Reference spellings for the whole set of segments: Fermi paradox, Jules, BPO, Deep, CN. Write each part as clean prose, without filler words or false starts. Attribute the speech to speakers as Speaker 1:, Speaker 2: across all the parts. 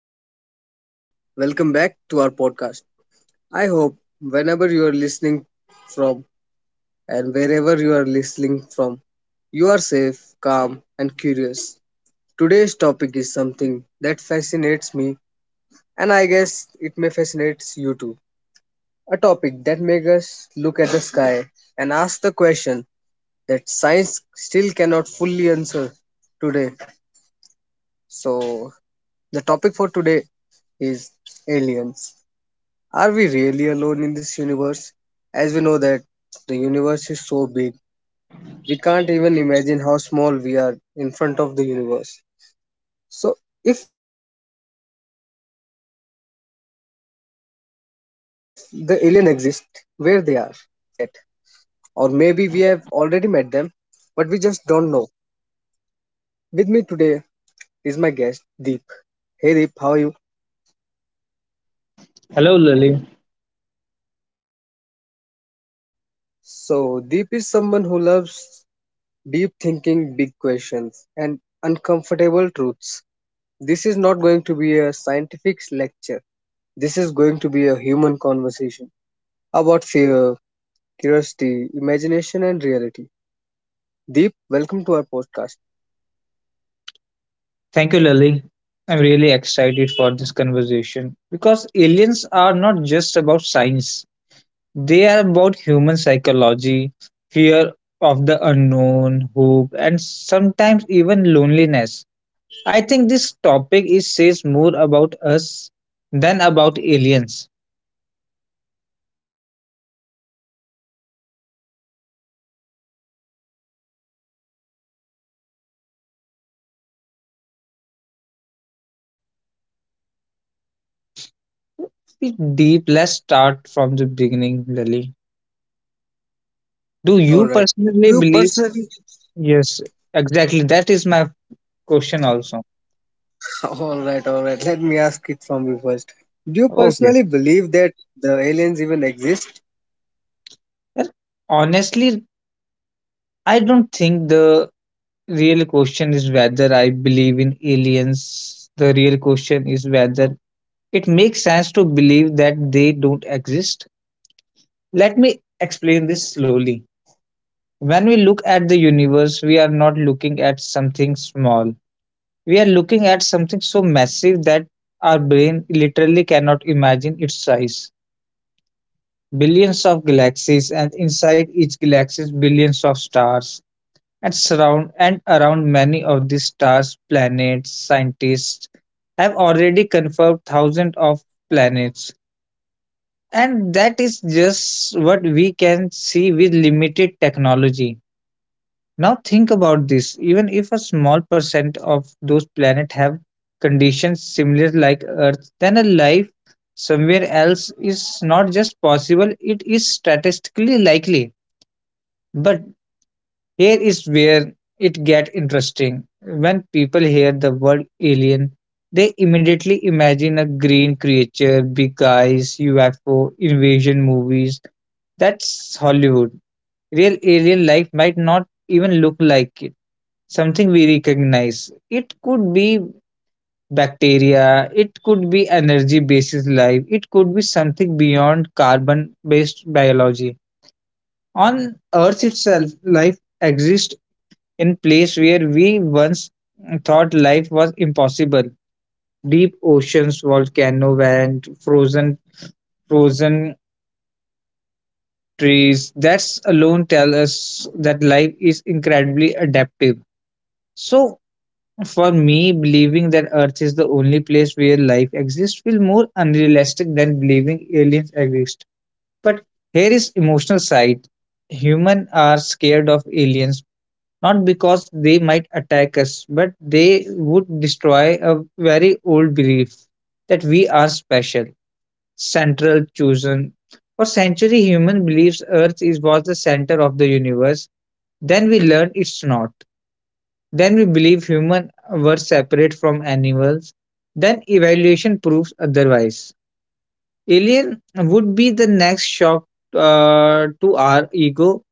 Speaker 1: Hello, everyone. Welcome back to our podcast. I hope whenever you are listening from and wherever you are listening from, you are safe, calm, and curious. Today's topic is something that fascinates me, and I guess it may fascinate you too. A topic that makes us look at the sky and ask the question that science still cannot fully answer today. So, the topic for today is aliens. Are we really alone in this universe? As we know that the universe is so big, we can't even imagine how small we are in front of the universe. So, if the alien exist, where they are, and why haven't they met us yet? Or maybe we have already met them, but we just don't know. With me today is my guest, Deep. Hey Deep, how are you?
Speaker 2: Hello, Lily.
Speaker 1: So, Deep is someone who loves deep thinking, big questions, and uncomfortable truths. This is not going to be a scientific lecture. This is going to be a human conversation about fear, curiosity, imagination, and reality. Deep, welcome to our podcast.
Speaker 2: Thank you, Lily. I'm really excited for this conversation because aliens are not just about science, they are about human psychology, fear of the unknown, hope, and sometimes even loneliness. I think this topic is says more about us than about aliens. Bit deep, let's start from the beginning, Lily. Do you
Speaker 1: All right.
Speaker 2: personally
Speaker 1: Do you
Speaker 2: believe?
Speaker 1: personally?
Speaker 2: Yes, exactly. That is my question also.
Speaker 1: All right, all right. Let me ask it from you first. Do you
Speaker 2: Okay.
Speaker 1: personally believe that the aliens even exist?
Speaker 2: Well, honestly, I don't think the real question is whether I believe in aliens. The real question is whether it makes sense to believe that they don't exist. Let me explain this slowly. When we look at the universe, we are not looking at something small. We are looking at something so massive that our brain literally cannot imagine its size. Billions of galaxies, and inside each galaxy, billions of stars and surround and around many of these stars planets, scientists have already confirmed thousands of planets, and that is just what we can see with limited technology. Now think about this: even if a small percent of those planets have conditions similar like earth, then a life somewhere else is not just possible, it is statistically likely. But here is where it gets interesting. When people hear the word alien, they immediately imagine a green creature, big eyes, UFO, invasion movies. That's Hollywood. Real alien life might not even look like it. Something we recognize. It could be bacteria, it could be energy based life, it could be something beyond carbon based biology. On Earth itself, life exists in place where we once thought life was impossible. Deep oceans, volcano vent, frozen trees. That's alone tell us that life is incredibly adaptive. So for me, believing that Earth is the only place where life exists feel more unrealistic than believing aliens exist. But here is emotional side. Humans are scared of aliens not because they might attack us, but they would destroy a very old belief that we are special, central, chosen. For centuries, human believes Earth is was the center of the universe. Then we learn it's not. Then we believe humans were separate from animals. Then evaluation proves otherwise. Alien would be the next shock to our ego.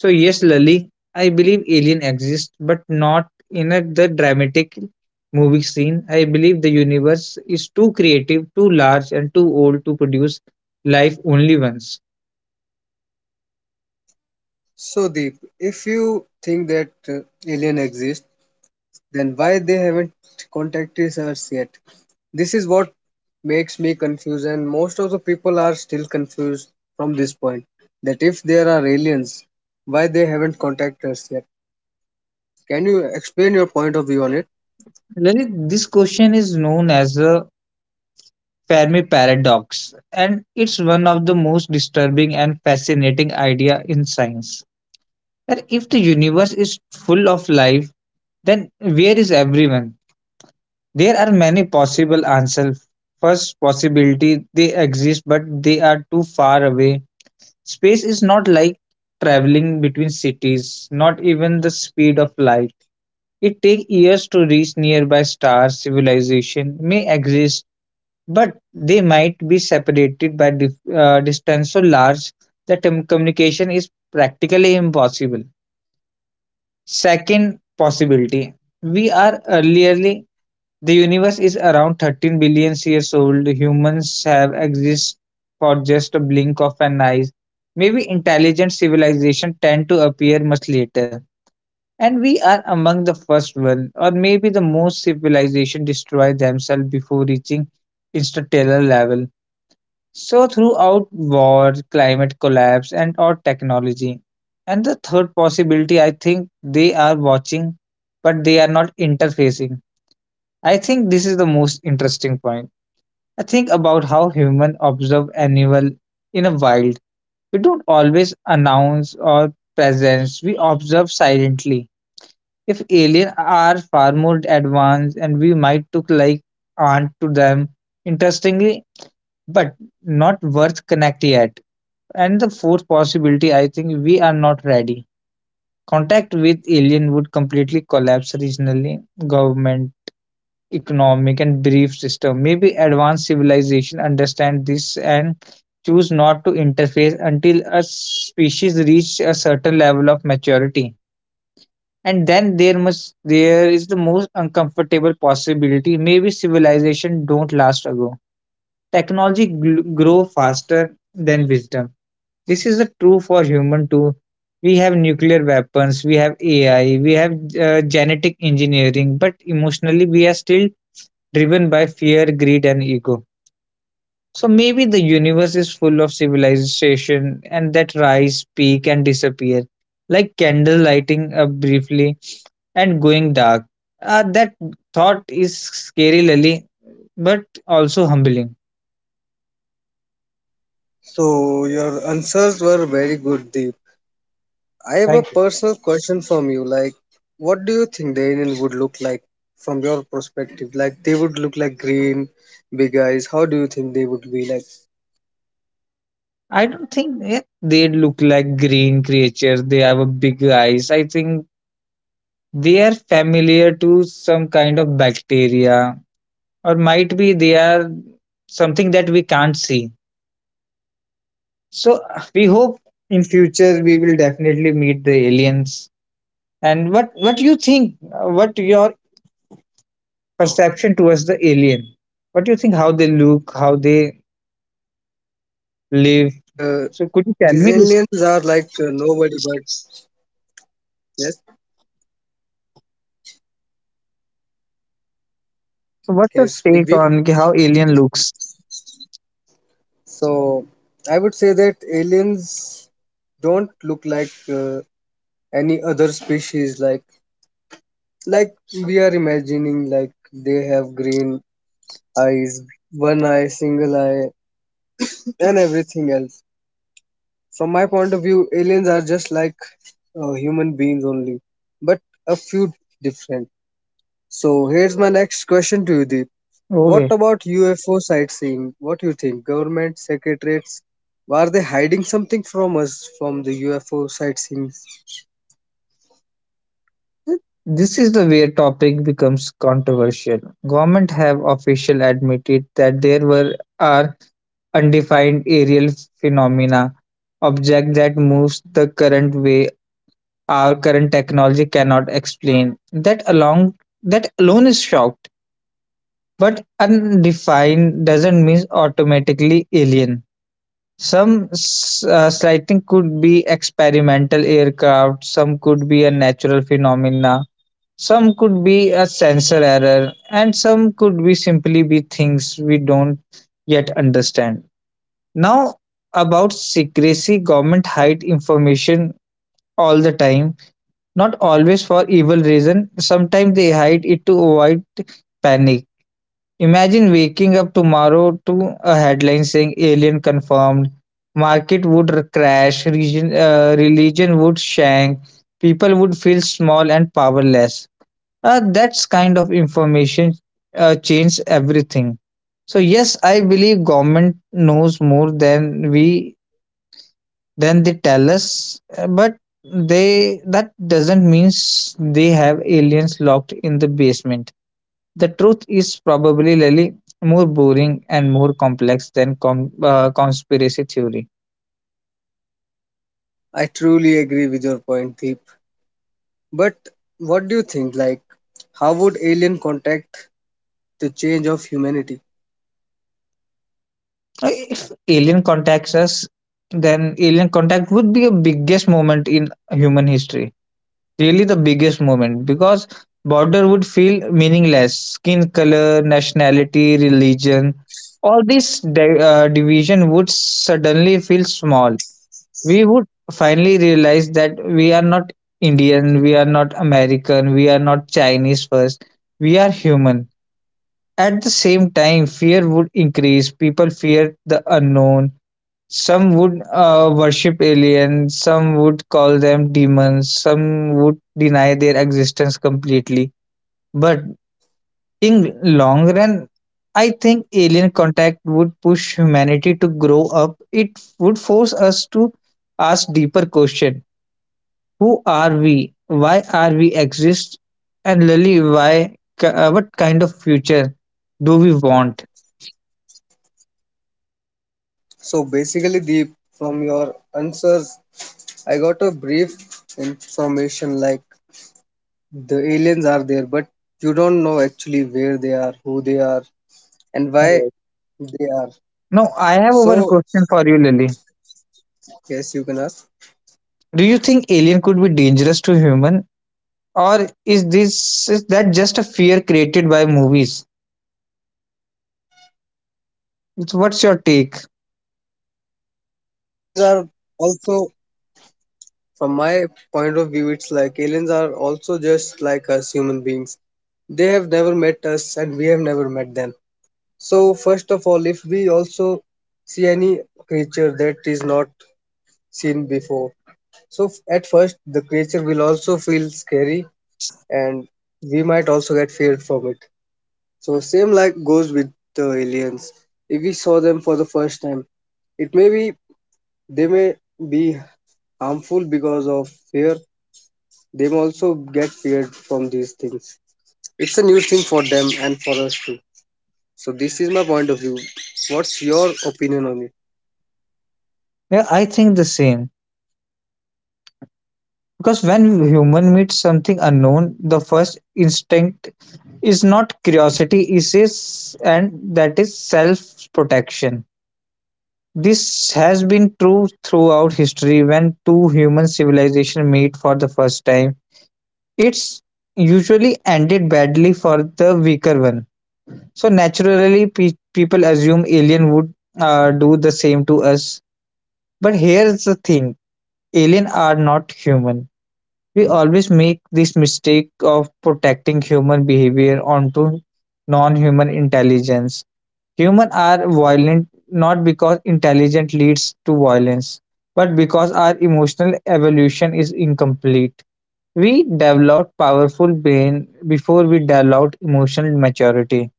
Speaker 2: So yes, Lali, I believe alien exists, but not in a, the dramatic movie scene. I believe the universe is too creative, too large, and too old to produce life only once.
Speaker 1: So, Deep, if you think that alien exist, then why they haven't contacted us yet? This is what makes me confused, and most of the people are still confused from this point. That if there are aliens, why they haven't contacted us yet? Can you explain your point of view on it?
Speaker 2: Lalit, this question is known as the Fermi paradox, and it's one of the most disturbing and fascinating idea in science. That if the universe is full of life, then where is everyone? There are many possible answers. First possibility, they exist but they are too far away. Space is not like traveling between cities, not even the speed of light. It takes years to reach nearby stars. Civilization may exist, but they might be separated by distance so large that communication is practically impossible. Second possibility, we are earlier. The universe is around 13 billion years old. Humans have existed for just a blink of an eye. Maybe intelligent civilizations tend to appear much later, and we are among the first one, or maybe the most civilization destroy themselves before reaching interstellar level. So throughout war, climate collapse, and or technology. And the third possibility, I think they are watching, but they are not interfacing. I think this is the most interesting point. I think about how humans observe animal in a wild. We don't always announce our presence. We observe silently. If aliens are far more advanced, and we might look like aunt to them, interestingly, but not worth connect yet. And the fourth possibility, I think we are not ready. Contact with alien would completely collapse regional government, economic and belief system. Maybe advanced civilization understand this and choose not to interface until a species reach a certain level of maturity. And then there is the most uncomfortable possibility. Maybe civilization don't last ago. Grow faster than wisdom. This is the true for human too. We have nuclear weapons, we have AI, we have genetic engineering, but emotionally we are still driven by fear, greed, and ego. So maybe the universe is full of civilization and that rise, peak, and disappear, like candle lighting up briefly and going dark. That thought is scary, Lily, but also humbling.
Speaker 1: So your answers were very good, Deep. I have a
Speaker 2: Thank you.
Speaker 1: personal question from you. Like, what do you think the alien would look like from your perspective? Like, they would look like green, big eyes. How do you think they would be like?
Speaker 2: I don't think yeah, they look like green creatures. They have a big eyes. I think they are familiar to some kind of bacteria, or might be they are something that we can't see. So we hope in future we will definitely meet the aliens. And what you think? What your perception towards the alien? What do you think? How they look? How they
Speaker 1: I also think like
Speaker 2: live?
Speaker 1: these
Speaker 2: So could
Speaker 1: aliens
Speaker 2: you
Speaker 1: are
Speaker 2: tell me
Speaker 1: like
Speaker 2: this?
Speaker 1: nobody but yes.
Speaker 2: So
Speaker 1: Can you
Speaker 2: what's your
Speaker 1: speak deep?
Speaker 2: take on ki how alien looks?
Speaker 1: So I would say that aliens don't look like any other species. Like we are imagining like they have green eyes, one eye, single eye, and everything else. From my point of view, aliens are just like human beings only, but a few different. So here's my next question to you, Deep. What
Speaker 2: Okay.
Speaker 1: about UFO sightseeing? What do you think? Government secretariats, are they hiding something from us from the UFO sightseeing?
Speaker 2: Th- this is the where topic becomes controversial. Government have official admitted that there were are undefined aerial phenomena object that moves the current way our current technology cannot explain. That along, that alone is shocked, but undefined doesn't mean automatically alien. Some sighting could be experimental aircraft, some could be a natural phenomena, some could be a sensor error, and some could be simply be things we don't yet understand. Now about secrecy, government hide information all the time. Not always for evil reason, sometimes they hide it to avoid panic. Imagine waking up tomorrow to a headline saying alien confirmed, market would crash, religion would shank, people would feel small and powerless. That's kind of information changes everything. So yes, I believe government knows more than we then they tell us, but they that doesn't means they have aliens locked in the basement. The truth is probably really more boring and more complex than conspiracy theory.
Speaker 1: I truly agree with your point, Deep. But what do you think? Like, how would alien contact the change of humanity?
Speaker 2: If alien contacts us, then alien contact would be a biggest moment in human history. Really the biggest moment, because border would feel meaningless. Skin color, nationality, religion, all this division would suddenly feel small. We would finally realize that we are not Indian, we are not American, we are not Chinese first, we are human. At the same time, fear would increase. People fear the unknown. Some would worship aliens, some would call them demons, some would deny their existence completely. But in long run, I think alien contact would push humanity to grow up. It would force us to ask deeper question: Who are we? Why are we exist? And Lily, What kind of future do we want?
Speaker 1: So basically, the from your answers, I got a brief information like the aliens are there, but you don't know actually where they are, who they are, and why
Speaker 2: Yes.
Speaker 1: they are.
Speaker 2: Now, I have one
Speaker 1: So
Speaker 2: question for you, Lily.
Speaker 1: yes, you can ask.
Speaker 2: Do you think alien could be dangerous to human? Or is this is that just a fear created by movies?
Speaker 1: From my
Speaker 2: What's your
Speaker 1: perspective,
Speaker 2: take?
Speaker 1: it's basically like aliens are also From my point of view, it's like aliens are also just like us human beings. They have never met us and we have never met them. So, first of all, if we also see any creature that is not seen before, so at first the creature will also feel scary and we might also get feared from it. So, same like goes with the aliens. If we saw them for the first time, it may be they may be harmful because of fear they also get feared from these things. It's a new thing for them and for us too. So this is my point of view. What's your opinion on it?
Speaker 2: Yeah, I think the same. Because when human meets something unknown, the first instinct is not curiosity, it is and that is self-protection. This has been true throughout history when two human civilizations meet for the first time. It's usually ended badly for the weaker one. So naturally, people assume alien would do the same to us. But here's the thing: alien are not human. We always make this mistake of protecting human behavior onto non-human intelligence. Humans are violent not because intelligence leads to violence, but because our emotional evolution is incomplete. We developed powerful brain before we developed emotional maturity.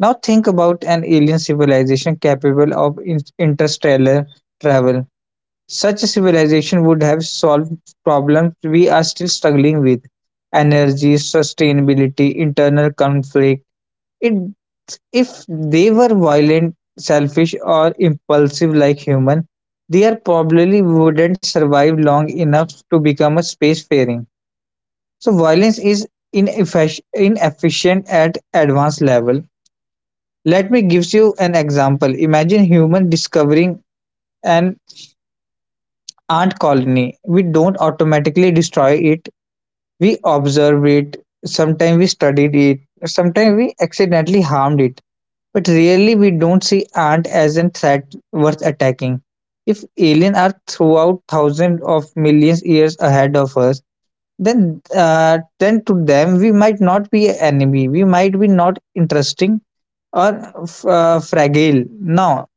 Speaker 2: Now think about an alien civilization capable of interstellar travel. Such a civilization would have solved problems we are still struggling with: energy, sustainability, internal conflict. It, if they were violent, selfish, or impulsive like human, they are probably wouldn't survive long enough to become a spacefaring. So violence is inefficient at advanced level. Let me gives you an example. Imagine human discovering an ant colony. We don't automatically destroy it. We observe it. Sometimes we studied it. Sometimes we accidentally harmed it. But really we don't see ant as a threat worth attacking. If aliens are throughout thousands of millions years ahead of us, then then to them we might not be an enemy. We might be not interesting or fragile. No,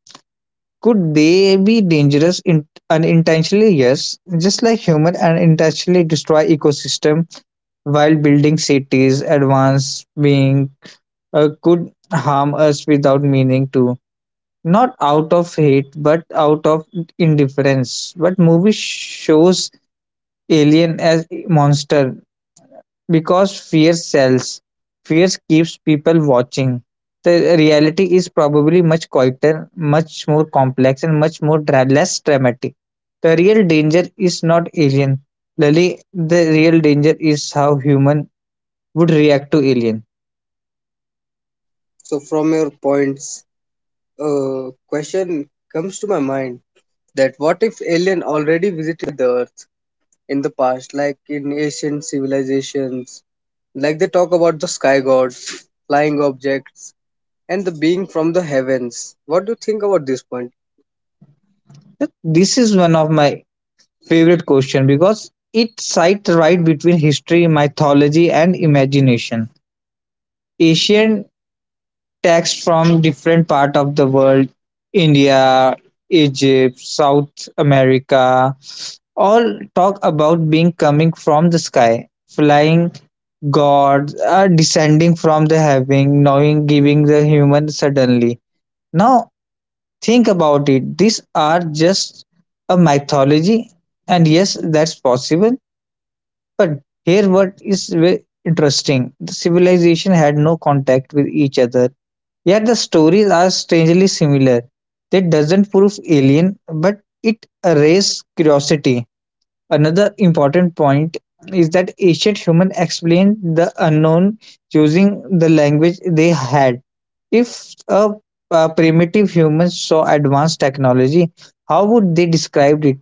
Speaker 2: could they be dangerous in, unintentionally? Yes. Just like human unintentionally destroy ecosystem while building cities, advanced being could harm us without meaning to. Not out of hate, but out of indifference. But movie shows alien as monster because fear sells. Fear keeps people watching. The reality is probably much quieter, much more complex, and much more less dramatic. The real danger is not alien. Lily, the real danger is how human would react to alien.
Speaker 1: So from your points, question comes to my mind that what if alien already visited the Earth in the past, like in ancient civilizations, like they talk about the sky gods, flying objects, and the being from the heavens. What do you think about this point?
Speaker 2: This is one of my favorite question because it sits right between history, mythology, and imagination. Asian Texts from different part of the world, India, Egypt, South America, all talk about being coming from the sky, flying gods, are descending from the heaven, knowing, giving the human suddenly. Now think about it. These are just a mythology, and yes, that's possible. But here, what is interesting: the civilization had no contact with each other. Yet the stories are strangely similar. That doesn't prove alien, but it raises curiosity. Another important point is that ancient humans explained the unknown using the language they had. If a, A primitive human saw advanced technology, how would they describe it?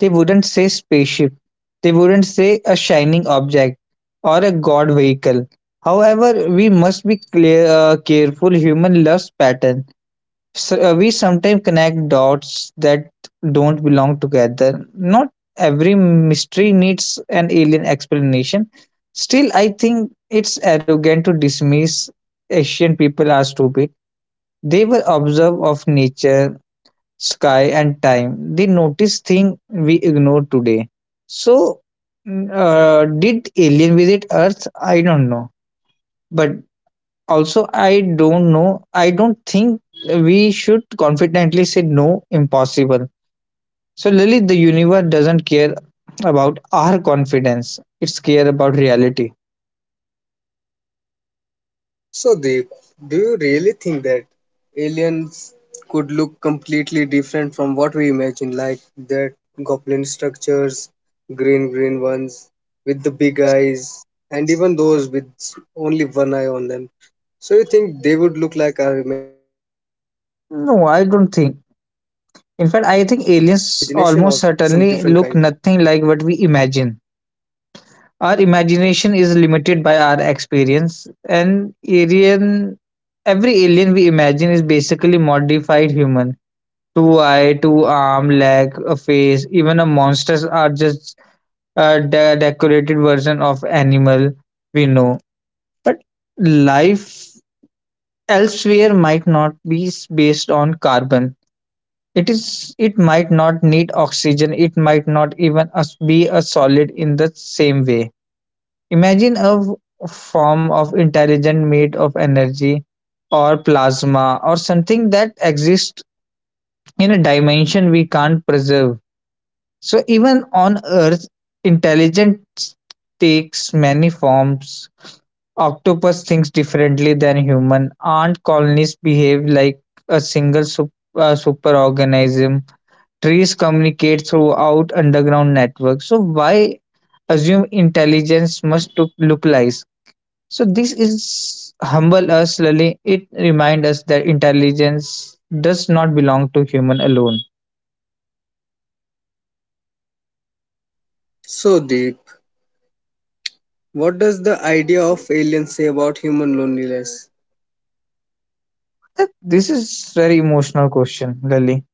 Speaker 2: They wouldn't say "spaceship", they wouldn't say "a shining object" or "a god vehicle". However, we must be careful. Human loves pattern. We sometimes connect dots that don't belong together. Not every mystery needs an alien explanation. Still, I think it's arrogant to dismiss Asian people as stupid. They were observed of nature, sky and time, the notice thing we ignore today. So did alien visit earth? I don't know, but also I don't know. I don't think we should confidently say no, impossible. So Lily, the universe doesn't care about our confidence. It's care about reality.
Speaker 1: So, Deep, do you really think that aliens could look completely different from what we imagine, like that goblin structures, green ones with the big eyes, and even those with only one eye on them? So, you think they would look like our imagination or some
Speaker 2: No,
Speaker 1: different
Speaker 2: I
Speaker 1: kind?
Speaker 2: don't think. In fact, I think aliens almost certainly look nothing like what we imagine. Our imagination is limited by our experience, and alien, every alien we imagine is basically modified human. Two eye, two arm, leg, a face, even a monsters are just a decorated version of animal we know. But life elsewhere might not be based on carbon. It is. It might not need oxygen. It might not even be a solid in the same way. Imagine a form of intelligent made of energy or plasma or something that exists in a dimension we can't preserve. So even on Earth, intelligence takes many forms. Octopus thinks differently than human. Ant colonies behave like a single superorganism. Trees communicate throughout underground networks. So why assume intelligence must look like? So this is humble us slowly. It remind us that intelligence does not belong to human alone.
Speaker 1: So, Deep, what does the idea of aliens say about human loneliness?
Speaker 2: This is very emotional question, Lali.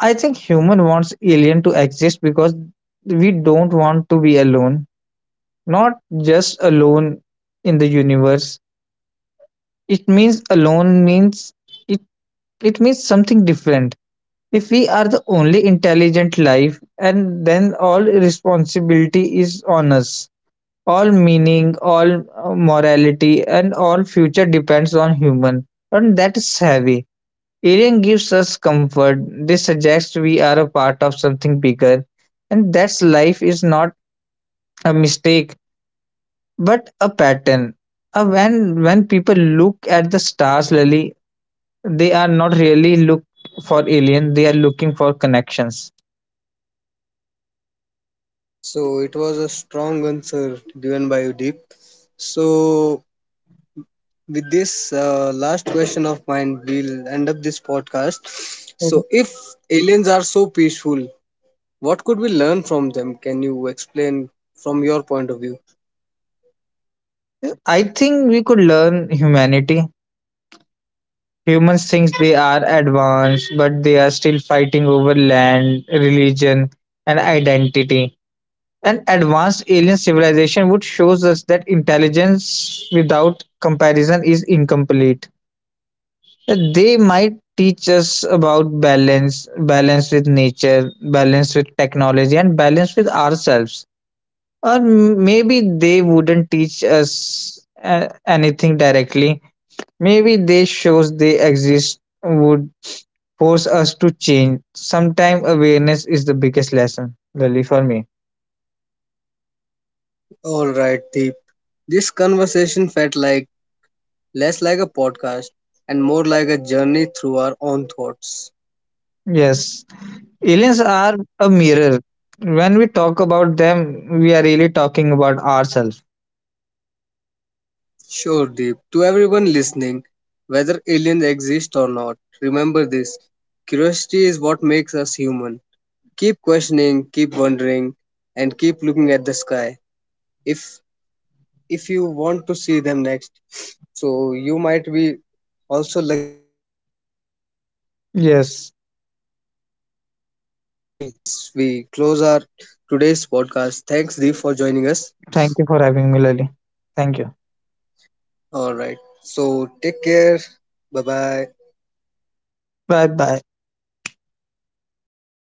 Speaker 2: I think human wants alien to exist because we don't want to be alone. Not just alone in the universe. It means alone means it, it means something different. If we are the only intelligent life and then all responsibility is on us. All meaning, all morality, and all future depends on human, and that is heavy. Alien gives us comfort. They suggest we are a part of something bigger, and that's life is not a mistake but a pattern. When people look at the stars, Lily, they are not really look for alien. They are looking for connections.
Speaker 1: So, it was a strong answer given by you, Deep. So, with this last question of mine, we'll end up this podcast.
Speaker 2: Mhm.
Speaker 1: So, if aliens are so peaceful, what could we learn from them? Can you explain from your point of view?
Speaker 2: I think we could learn humanity. Humans think they are advanced, but they are still fighting over land, religion, and identity. An advanced alien civilization would show us that intelligence without comparison is incomplete. That They might teach us about balance, balance with nature, balance with technology, and balance with ourselves. Or maybe they wouldn't teach us anything directly. Maybe they shows they exist would force us to change. Sometimes awareness is the biggest lesson, really, for me.
Speaker 1: All right, Deep. This conversation felt like less like a podcast and more like a journey through our own thoughts.
Speaker 2: Yes, aliens are a mirror. When we talk about them, we are really talking about ourselves.
Speaker 1: Sure, Deep. To everyone listening, whether aliens exist or not, remember this curiosity is what makes us human. Keep questioning, keep wondering, and keep looking at the sky. If if you want to see them next, so you might be also lucky that you found a spaceship or a
Speaker 2: Yes,
Speaker 1: UFO. So with this, we close our today's podcast. Thanks, Deep, for joining us.
Speaker 2: thank you for having me, Lily. Thank you.
Speaker 1: All right. So take care. Bye bye.
Speaker 2: Bye bye.